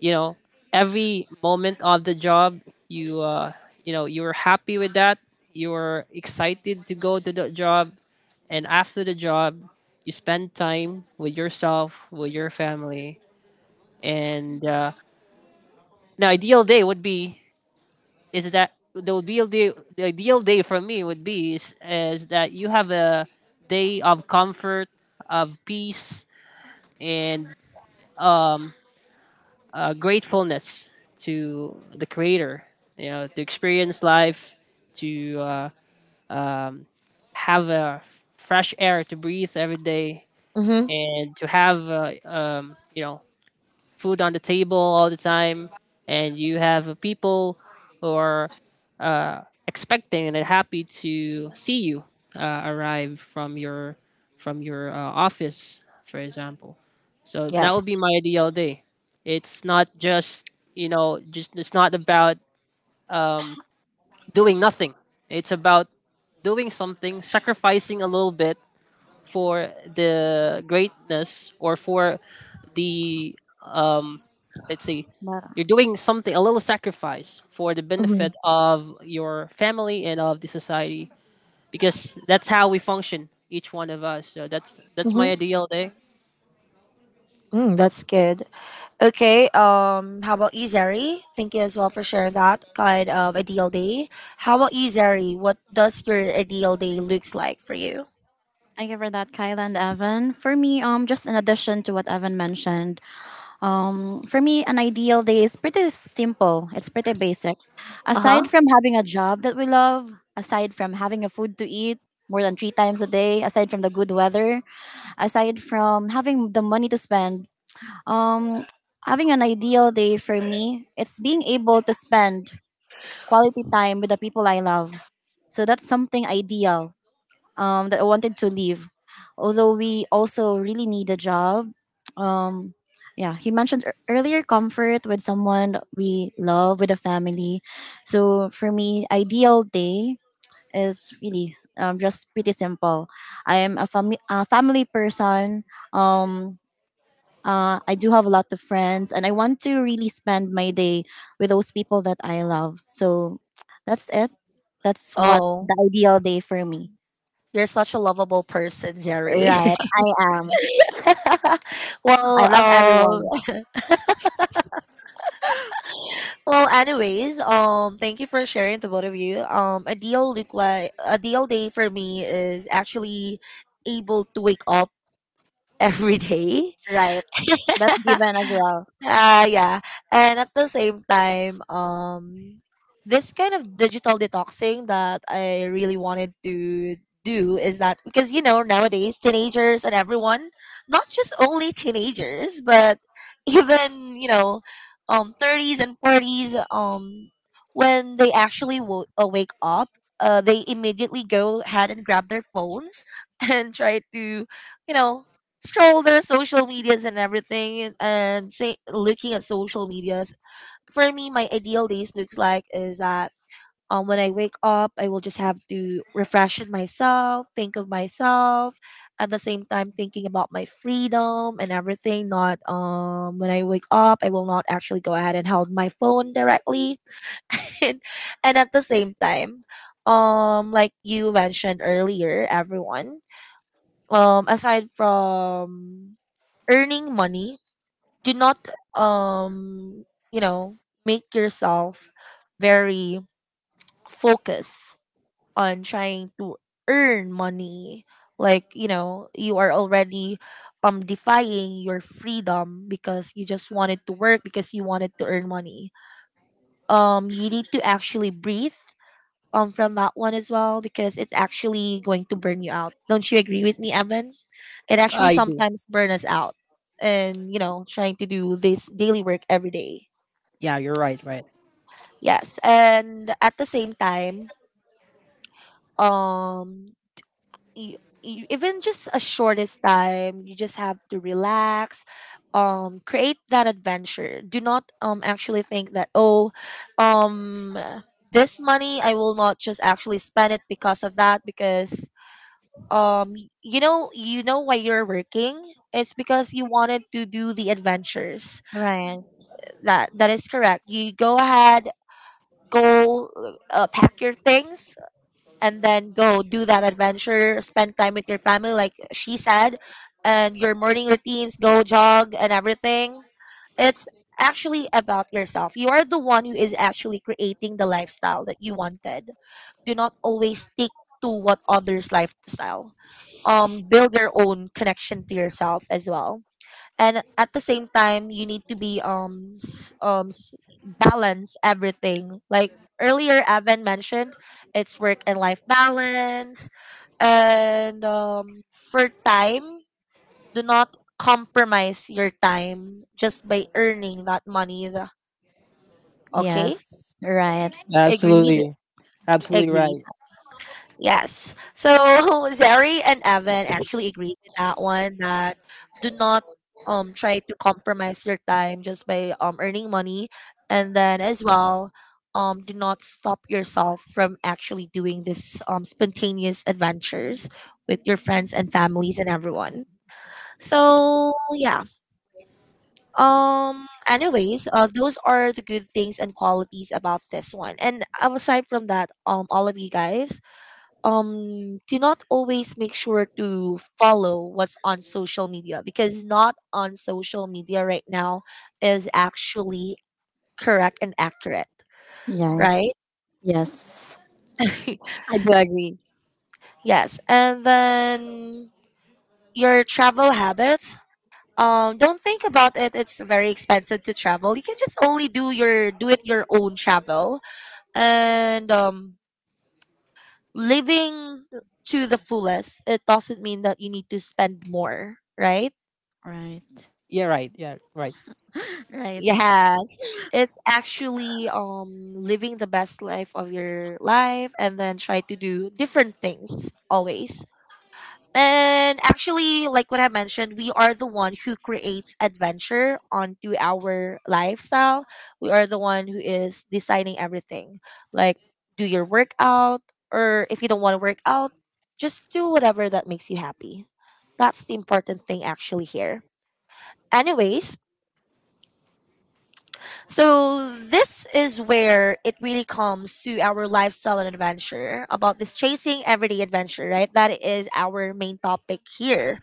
S3: you know, every moment of the job, you you know, you're happy with that, you're excited to go to the job, and after the job, you spend time with yourself, with your family, and now, ideal day would be is that the ideal day. The ideal day for me would be is that you have a day of comfort, of peace, and um, gratefulness to the Creator. You know, to experience life, to um, have a fresh air to breathe every day,
S1: Mm-hmm.
S3: and to have you know, food on the table all the time, and you have people or expecting and happy to see you arrive from your office, for example. So that would be
S1: Yes.
S3: my ideal day. It's not just, you know, just it's not about um, doing nothing. It's about doing something, sacrificing a little bit for the greatness or for the um let's see,
S2: But
S3: you're doing something a little sacrifice for the
S1: Mm-hmm.
S3: benefit of your family and of the society, because that's how we function, each one of us. So that's my
S1: Mm-hmm.
S3: ideal day.
S1: Mm, that's good. Okay. How about you, Zeri? Thank you as well for sharing that kind of ideal day. How about you, Zeri? What does your ideal day looks like for you?
S2: thank you for that, Kyla and Evan. For me, just in addition to what Evan mentioned, for me, an ideal day is pretty simple. It's pretty basic.
S1: Uh huh.
S2: Aside from having a job that we love, aside from having a food to eat more than three times a day, aside from the good weather, aside from having the money to spend, Um, having an ideal day for me, it's being able to spend quality time with the people I love. So that's something ideal, that I wanted to leave. Although we also really need a job. Um, yeah, he mentioned earlier comfort with someone we love, with a family. So for me, ideal day is really, just pretty simple. I am a a family person. Um, I do have a lot of friends, and I want to really spend my day with those people that I love. So that's it. That's what
S1: Oh.
S2: the ideal day for me.
S1: You're such a lovable person, Jerry.
S2: Right. I am. I
S1: Well,
S2: love everyone.
S1: well, anyways, thank you for sharing, the both of you. A deal look like a deal day for me is actually able to wake up every day.
S2: Right. That's given as well.
S1: Yeah. And at the same time, this kind of digital detoxing that I really wanted to do is that because you know nowadays teenagers and everyone, not just only teenagers, but even you know, thirties and forties, when they actually wake up, they immediately go ahead and grab their phones and try to, you know, scroll their social medias and everything, and say looking at social medias. For me, my ideal days looks like is that, when I wake up, I will just have to refresh in myself, think of myself, at the same time thinking about my freedom and everything. Not when I wake up I will not actually go ahead and hold my phone directly. and, and at the same time, like you mentioned earlier, everyone, aside from earning money, do not um you know make yourself very focused on trying to earn money. Like, you know, you are already defying your freedom because you just wanted to work because you wanted to earn money. You need to actually breathe from that one as well, because it's actually going to burn you out. Don't you agree with me, Evan? It actually
S3: I do.
S1: sometimes burn us out, and you know, trying to do this daily work every day.
S3: Yeah, you're right, right.
S1: Yes, and at the same time, um you, you, even just a shortest time, you just have to relax, create that adventure. Do not actually think that, oh, um this money I will not just actually spend it because of that. Because you know, you know why you're working? It's because you wanted to do the adventures.
S2: Right.
S1: That that is correct. You go ahead, go pack your things and then go do that adventure, spend time with your family like she said, and your morning routines, go jog and everything. It's actually about yourself. You are the one who is actually creating the lifestyle that you wanted. Do not always stick to what others lifestyle. Build your own connection to yourself as well. And at the same time, you need to be balance everything. Like earlier Evan mentioned, it's work and life balance. And for time, do not compromise your time just by earning that money. Okay.
S2: Yes. Right.
S1: Agreed.
S3: Absolutely. Absolutely
S1: Agreed.
S3: right.
S1: Yes. So Zeri and Evan actually agreed with that one, that do not try to compromise your time just by earning money. And then as well, do not stop yourself from actually doing this spontaneous adventures with your friends and families and everyone. So yeah. Um, anyways, those are the good things and qualities about this one. And aside from that, all of you guys, do not always make sure to follow what's on social media, because not on social media right now is actually correct and accurate,
S2: Yeah.
S1: right?
S2: Yes. I do agree.
S1: Yes. And then your travel habits, don't think about it, it's very expensive to travel. You can just only do your do it your own travel. And living to the fullest, it doesn't mean that you need to spend more, right?
S2: Right.
S3: Yeah, right. Yeah, right.
S2: Right.
S1: Yes, it's actually living the best life of your life, and then try to do different things always. And actually, like what I mentioned, we are the one who creates adventure onto our lifestyle. We are the one who is deciding everything. Like, do your workout, or if you don't want to work out, just do whatever that makes you happy. That's the important thing actually here. Anyways, So this is where it really comes to our lifestyle and adventure about this chasing everyday adventure, right? That is our main topic here.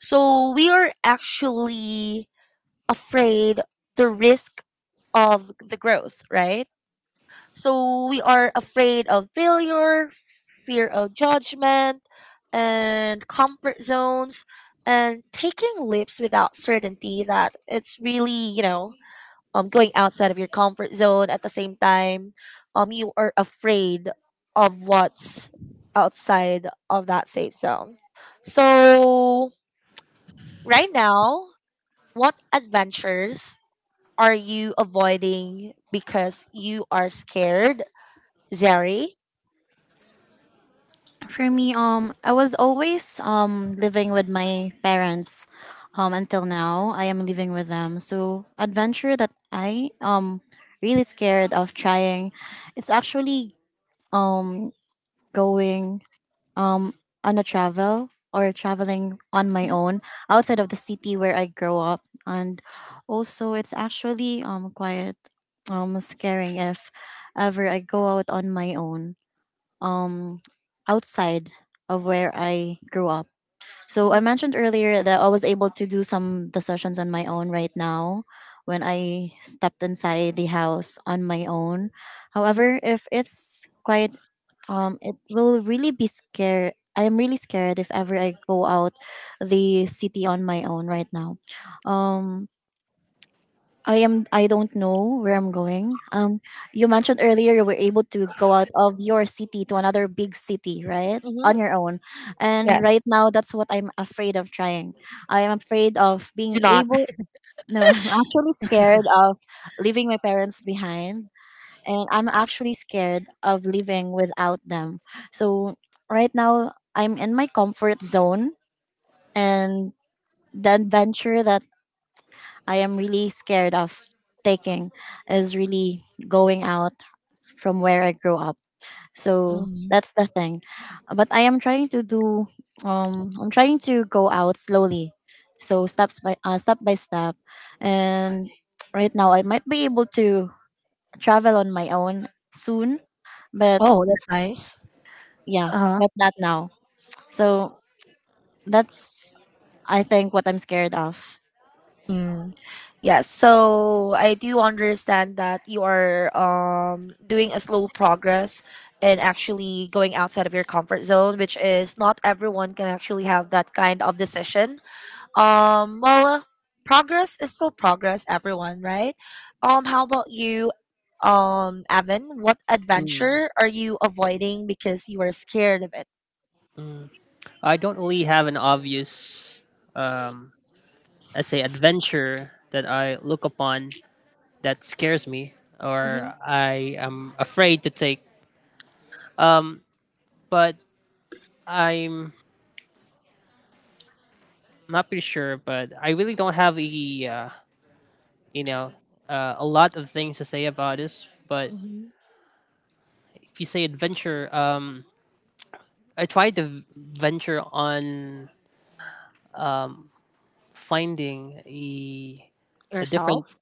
S1: So we are actually afraid the risk of the growth, right? So we are afraid of failure, fear of judgment, and comfort zones and taking leaps without certainty that it's really, going outside of your comfort zone at the same time you are afraid of what's outside of that safe zone, so right now, what adventures are you avoiding because you are scared, Zari?
S2: For me, I was always living with my parents. Until now, I am living with them. So adventure that I really scared of trying, it's actually um going um on a travel, or traveling on my own outside of the city where I grow up, and also it's actually quite scaring if ever I go out on my own, um, outside of where I grew up. So I
S1: Mm-hmm,
S2: mentioned earlier that I was able to do some decisions on my own right now when I stepped inside the house on my own. However, if it's quite it will really be scared. I am really scared if ever I go out the city on my own right now. Um I am, I don't know where I'm going. You mentioned earlier you were able to go out of your city to another big city, right? On
S1: mm-hmm.
S2: your own. And yes, right
S1: Yes,
S2: now that's what I'm afraid of trying. I am afraid of being
S1: do not.
S2: able, no, I'm actually scared of leaving my parents behind, and I'm actually scared of living without them. So right now I'm in my comfort zone, and the adventure that I am really scared of taking is really going out from where I grew up. So
S1: Mm.
S2: that's the thing. But I am trying to do I'm trying to go out slowly. So step by step, and right now I might be able to travel on my own soon, but
S1: Oh, that's nice.
S2: yeah, but not now. So that's I think what I'm scared of.
S1: Uh-huh. Yes, so I do understand that you are doing a slow progress and actually going outside of your comfort zone, which is not everyone can actually have that kind of decision. Well, progress is still progress, everyone, right? How about you, Evan? What
S3: Mm,
S1: adventure are you avoiding because you are scared of it?
S3: mm. I don't really have an obvious um let's say adventure that I look upon that scares me or
S1: Mm-hmm,
S3: I am afraid to take. Um, but I'm not pretty sure, but I really don't have a you know, a lot of things to say about this. But
S1: mm-hmm.
S3: if you say adventure, I tried to venture on um, finding a different,
S1: Yourself?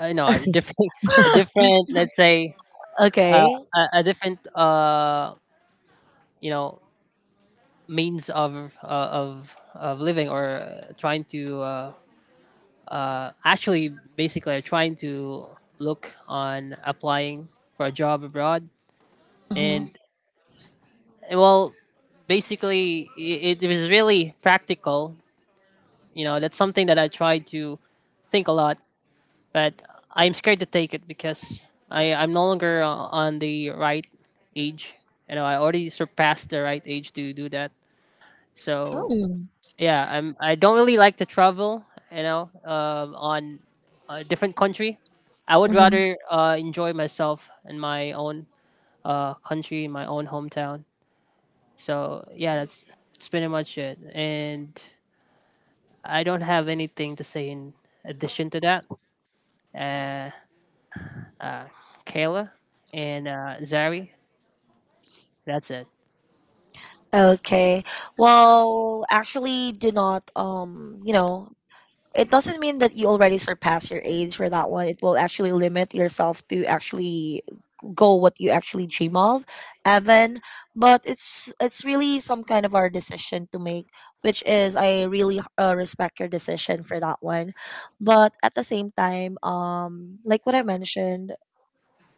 S3: I know, a different a different, let's say, uh,
S1: Okay.
S3: a different you know, means of living, or trying to actually basically are trying to look on applying for a job abroad. And well, basically, it was really practical. You know, that's something that I try to think a lot, but I'm scared to take it, because I'm no longer on the right age. You know, I already surpassed the right age to do that. So
S1: Mm-hmm.
S3: yeah, I'm. I don't really like to travel, you know, on a different country. I would rather enjoy myself in my own country, in my own hometown. So yeah, that's pretty much it. And I don't have anything to say in addition to that. Uh, uh, Kayla and Zari. That's it.
S1: Okay. Well, actually, do not. You know, it doesn't mean that you already surpass your age for that one. It will actually limit yourself to actually go what you actually dream of, Evan. But it's really some kind of our decision to make, which is I really respect your decision for that one. But at the same time, like what I mentioned,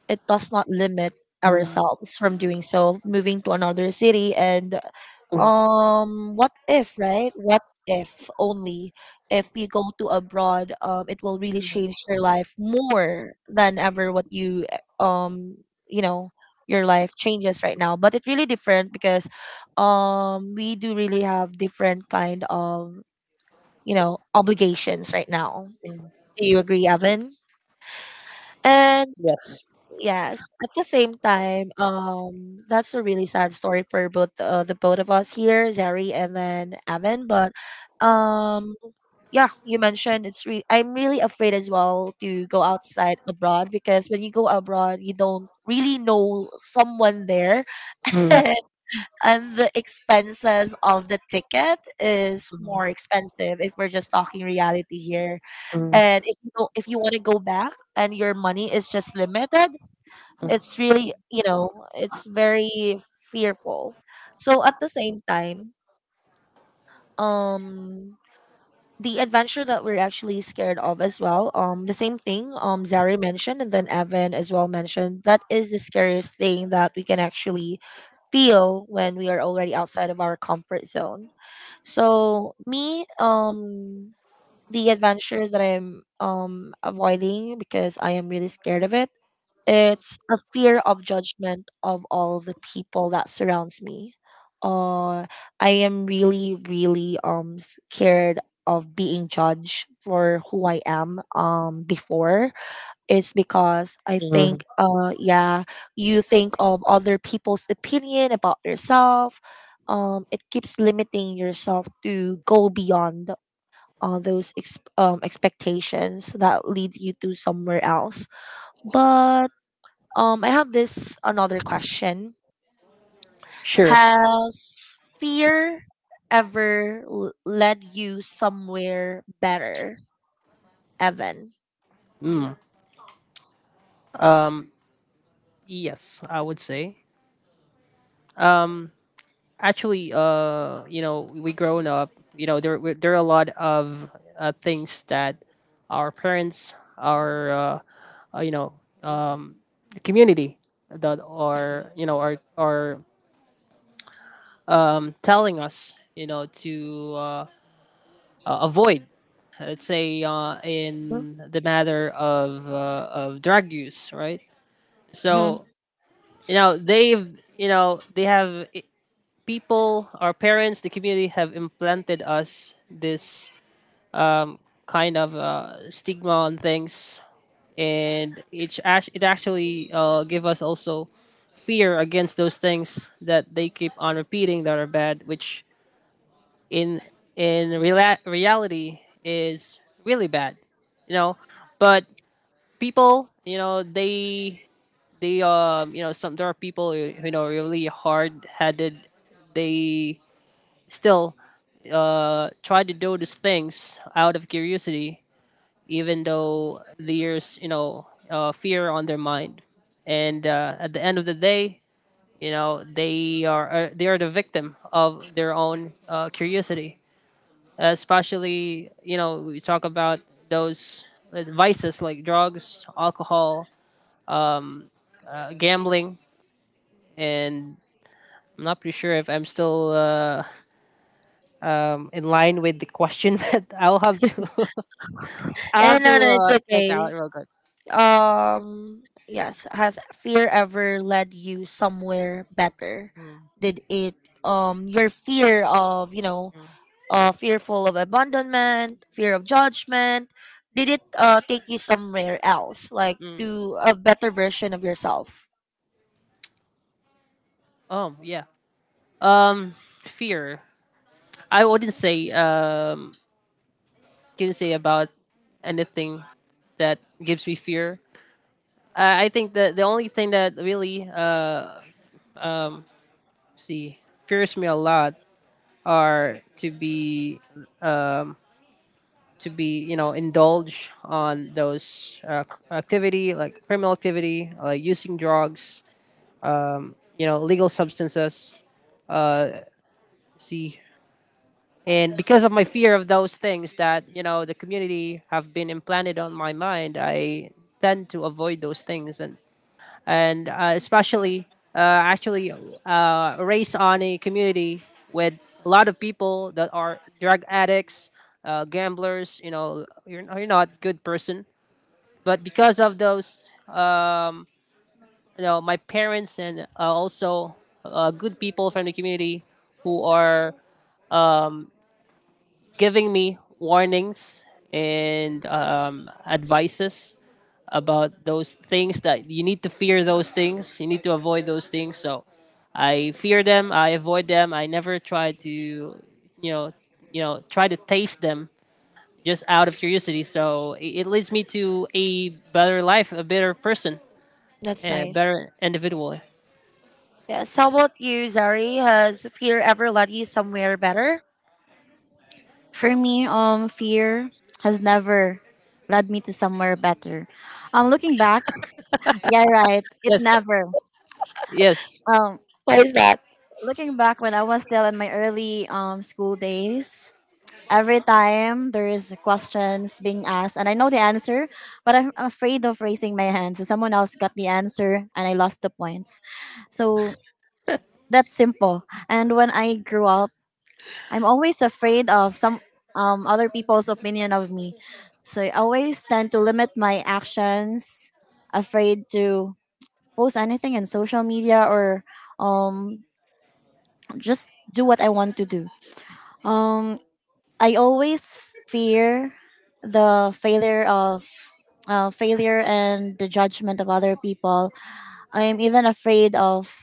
S1: it does not limit ourselves from doing so, moving to another city. And what if, right, what if only if you go to abroad, it will really change your life more than ever. What you eh, you know your life changes right now, but it really different because we do really have different kind of, you know, obligations right now. Do you agree, Evan? And
S3: Yes.
S1: yes. At the same time, that's a really sad story for both the both of us here, Zari and then Evan. But um, yeah, you mentioned I'm really afraid as well to go outside abroad because when you go abroad, you don't really know someone there,
S3: Mm,
S1: and the expenses of the ticket is more
S3: mm,
S1: expensive if we're just talking reality here.
S3: mm,
S1: And if you don't, if you want to go back and your money is just limited, it's really, you know, it's very fearful. So at the same time, um the adventure that we're actually scared of as well, the same thing Zari mentioned and then Evan as well mentioned, that is the scariest thing that we can actually feel when we are already outside of our comfort zone. So me, the adventure that I'm avoiding because I am really scared of it. It's a fear of judgment of all the people that surrounds me. Uh, I am really, really scared of being judged for who I am before. It's because I
S3: mm.
S1: think yeah, you think of other people's opinion about yourself. It keeps limiting yourself to go beyond all those expectations that lead you to somewhere else. But I have this another question.
S3: Sure.
S1: Has fear ever led you somewhere better, Evan?
S3: Mm. Um. Yes, I would say. Actually, you know, we grown up, you know, there there are a lot of things that our parents, our you know, community, that are, you know, are telling us, you know, to avoid, let's say, in the matter of drug use, right?
S1: Mm-hmm.
S3: So you know they've, you know, they have people, our parents, the community have implanted us this kind of stigma on things, and it it actually give us also fear against those things that they keep on repeating that are bad, which in reality is really bad, you know. But people, you know, they you know, some there are people who, you know, really hard headed, they still try to do these things out of curiosity, even though there's, you know, fear on their mind. And at the end of the day, you know, they are the victim of their own curiosity. Especially, you know, we talk about those vices like drugs, alcohol, gambling, and I'm not pretty sure if I'm still in line with the question, but I'll have to I'll have
S1: And no, no,
S3: to
S1: it's
S3: check out
S1: okay.
S3: real quick.
S1: Um, yes. Has fear ever led you somewhere better?
S3: Mm,
S1: Did it your fear of, you know,
S3: mm,
S1: fearful of abandonment, fear of judgment? Did it take you somewhere else, like
S3: mm.
S1: to a better version of yourself?
S3: Oh yeah. Um, fear. I wouldn't say can say about anything that gives me fear. I think that the only thing that really see fears me a lot are to be to be, you know, indulge on those activity, like criminal activity, like using drugs, you know, legal substances, see. And because of my fear of those things that, you know, the community have been implanted on my mind, I tend to avoid those things. And especially uh, actually raised on a community with a lot of people that are drug addicts, gamblers, you know, you're not a good person. But because of those, you know, my parents and also good people from the community who are giving me warnings and advices about those things, that you need to fear those things, you need to avoid those things. So I fear them, I avoid them, I never try to know you know, try to taste them just out of curiosity. So it leads me to a better life, a better person,
S1: That's
S3: a
S1: nice.
S3: better individual.
S1: Yes. How about you, Zari? Has fear ever led you somewhere better?
S2: For me, fear has never led me to somewhere better. Looking back, yeah, right, it
S3: Yes.
S2: never.
S3: Yes.
S2: Um,
S1: What is that?
S2: Looking back when I was still in my early school days, every time there is questions being asked, and I know the answer, but I'm afraid of raising my hand, so someone else got the answer, and I lost the points. So that's simple. And when I grew up, I'm always afraid of some, other people's opinion of me. So I always tend to limit my actions, afraid to post anything in social media or um, just do what I want to do. Um, I always fear the failure of failure and the judgment of other people. I'm even afraid of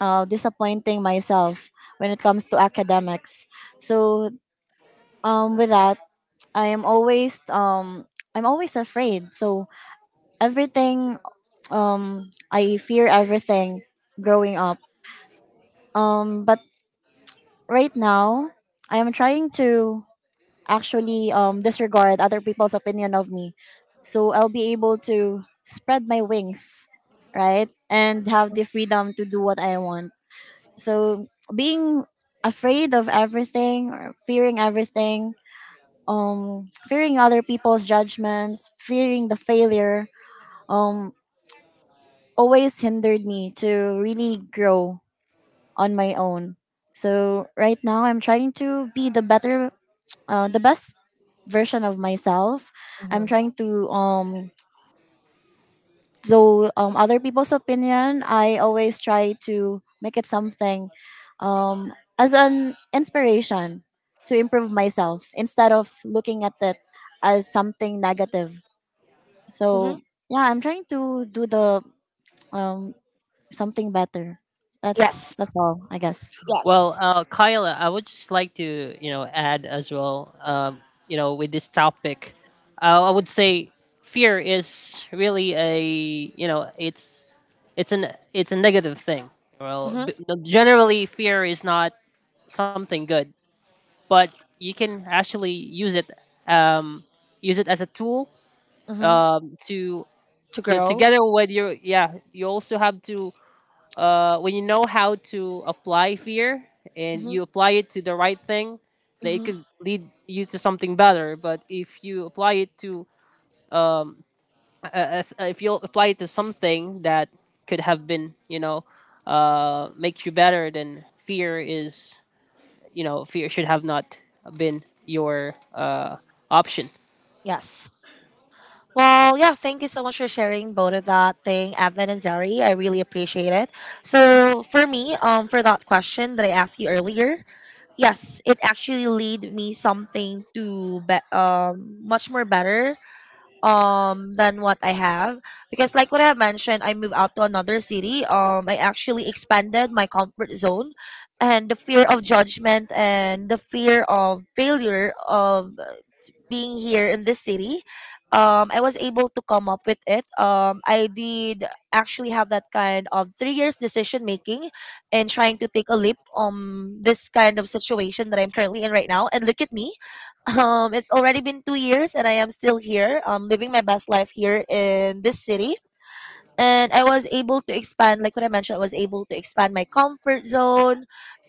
S2: disappointing myself when it comes to academics. So with that, I am always I'm always afraid. So everything, I fear everything growing up. But right now I am trying to actually disregard other people's opinion of me. So I'll be able to spread my wings, right? And have the freedom to do what I want. So being afraid of everything or fearing everything, fearing other people's judgments, fearing the failure, um, always hindered me to really grow on my own. So right now, I'm trying to be the best version of myself. I'm
S1: Mm-hmm.
S2: trying to, though other people's opinion, I always try to make it something, um, as an inspiration to improve myself, instead of looking at it as something negative.
S1: Mm-hmm.
S2: So yeah, I'm trying to do the um something better.
S1: Yes.
S2: That's all, I guess.
S3: Well,
S1: Yes.
S3: Kyle, I would just like to, you know, add as well. You know, with this topic, I would say fear is really a you know, it's an it's a negative thing. Well,
S1: Mm-hmm.
S3: no, generally, fear is not something good, but you can actually use it, um, use it as a tool,
S1: Mm-hmm.
S3: to
S1: To
S3: yeah,
S1: grow.
S3: together with your yeah, you also have to when you know how to apply fear and
S1: Mm-hmm.
S3: you apply it to the right thing, that it
S1: Mm-hmm.
S3: could lead you to something better. But if you apply it to if you apply it to something that could have been, you know, makes you better, then fear is, you know, fear should have not been your option.
S1: Yes. Well, yeah, thank you so much for sharing both of that thing, Evan and Zari. I really appreciate it. So for me, for that question that I asked you earlier, yes, it actually lead me something to much more better than what I have because like what I have mentioned, I moved out to another city. I actually expanded my comfort zone, and the fear of judgment and the fear of failure of being here in the city, I was able to come up with it. I did actually have that kind of 3 years decision making and trying to take a leap on this kind of situation that I'm currently in right now. And look at me. It's already been 2 years and I am still here, living my best life here in this city. And I was able to expand, like what I mentioned, I was able to expand my comfort zone.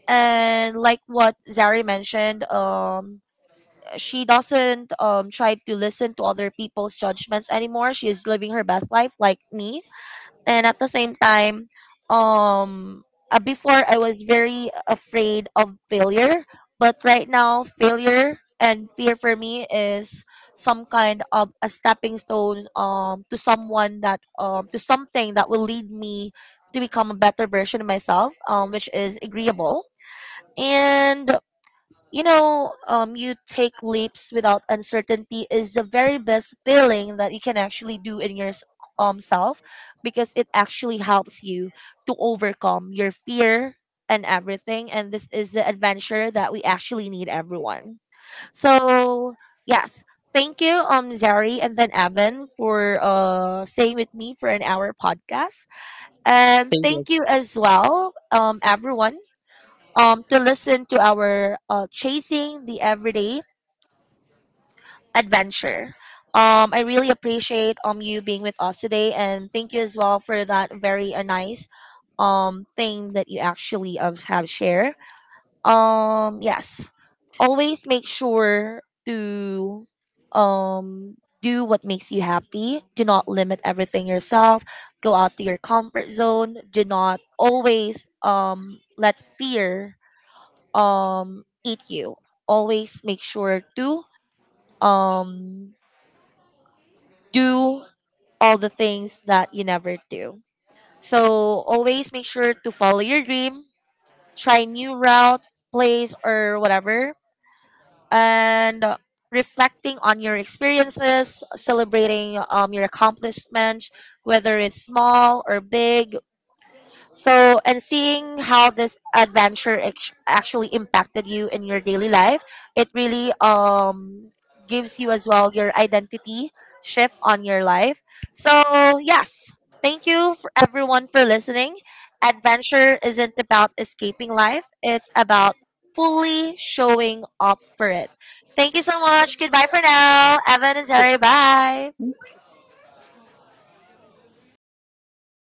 S1: And like what Zari mentioned, she doesn't try to listen to other people's judgments anymore. She is living her best life like me. And at the same time, um before I was very afraid of failure, but right now failure and fear for me is some kind of a stepping stone to someone that to something that will lead me to become a better version of myself which is agreeable. And you know, you take leaps without uncertainty is the very best feeling that you can actually do in your self, because it actually helps you to overcome your fear and everything. And this is the adventure that we actually need, everyone. So yes, thank you, Zari and then Evan, for staying with me for an hour podcast, and
S3: Thank
S1: thank you
S3: you.
S1: as well, everyone, to listen to our Chasing the Everyday Adventure. I really appreciate you being with us today, and thank you as well for that very nice thing that you actually have shared. Yes, always make sure to do what makes you happy. Do not limit everything yourself. Go out to your comfort zone. Do not always let fear eat you. Always make sure to um do all the things that you never do. So always make sure to follow your dream, try new route, place or whatever, and reflecting on your experiences, celebrating your accomplishments, whether it's small or big. So, and seeing how this adventure actually impacted you in your daily life, it really gives you as well your identity shift on your life. So, yes, thank you for everyone for listening. Adventure isn't about escaping life, it's about fully showing up for it. Thank you so much. Goodbye for now. Evan and Terry, bye.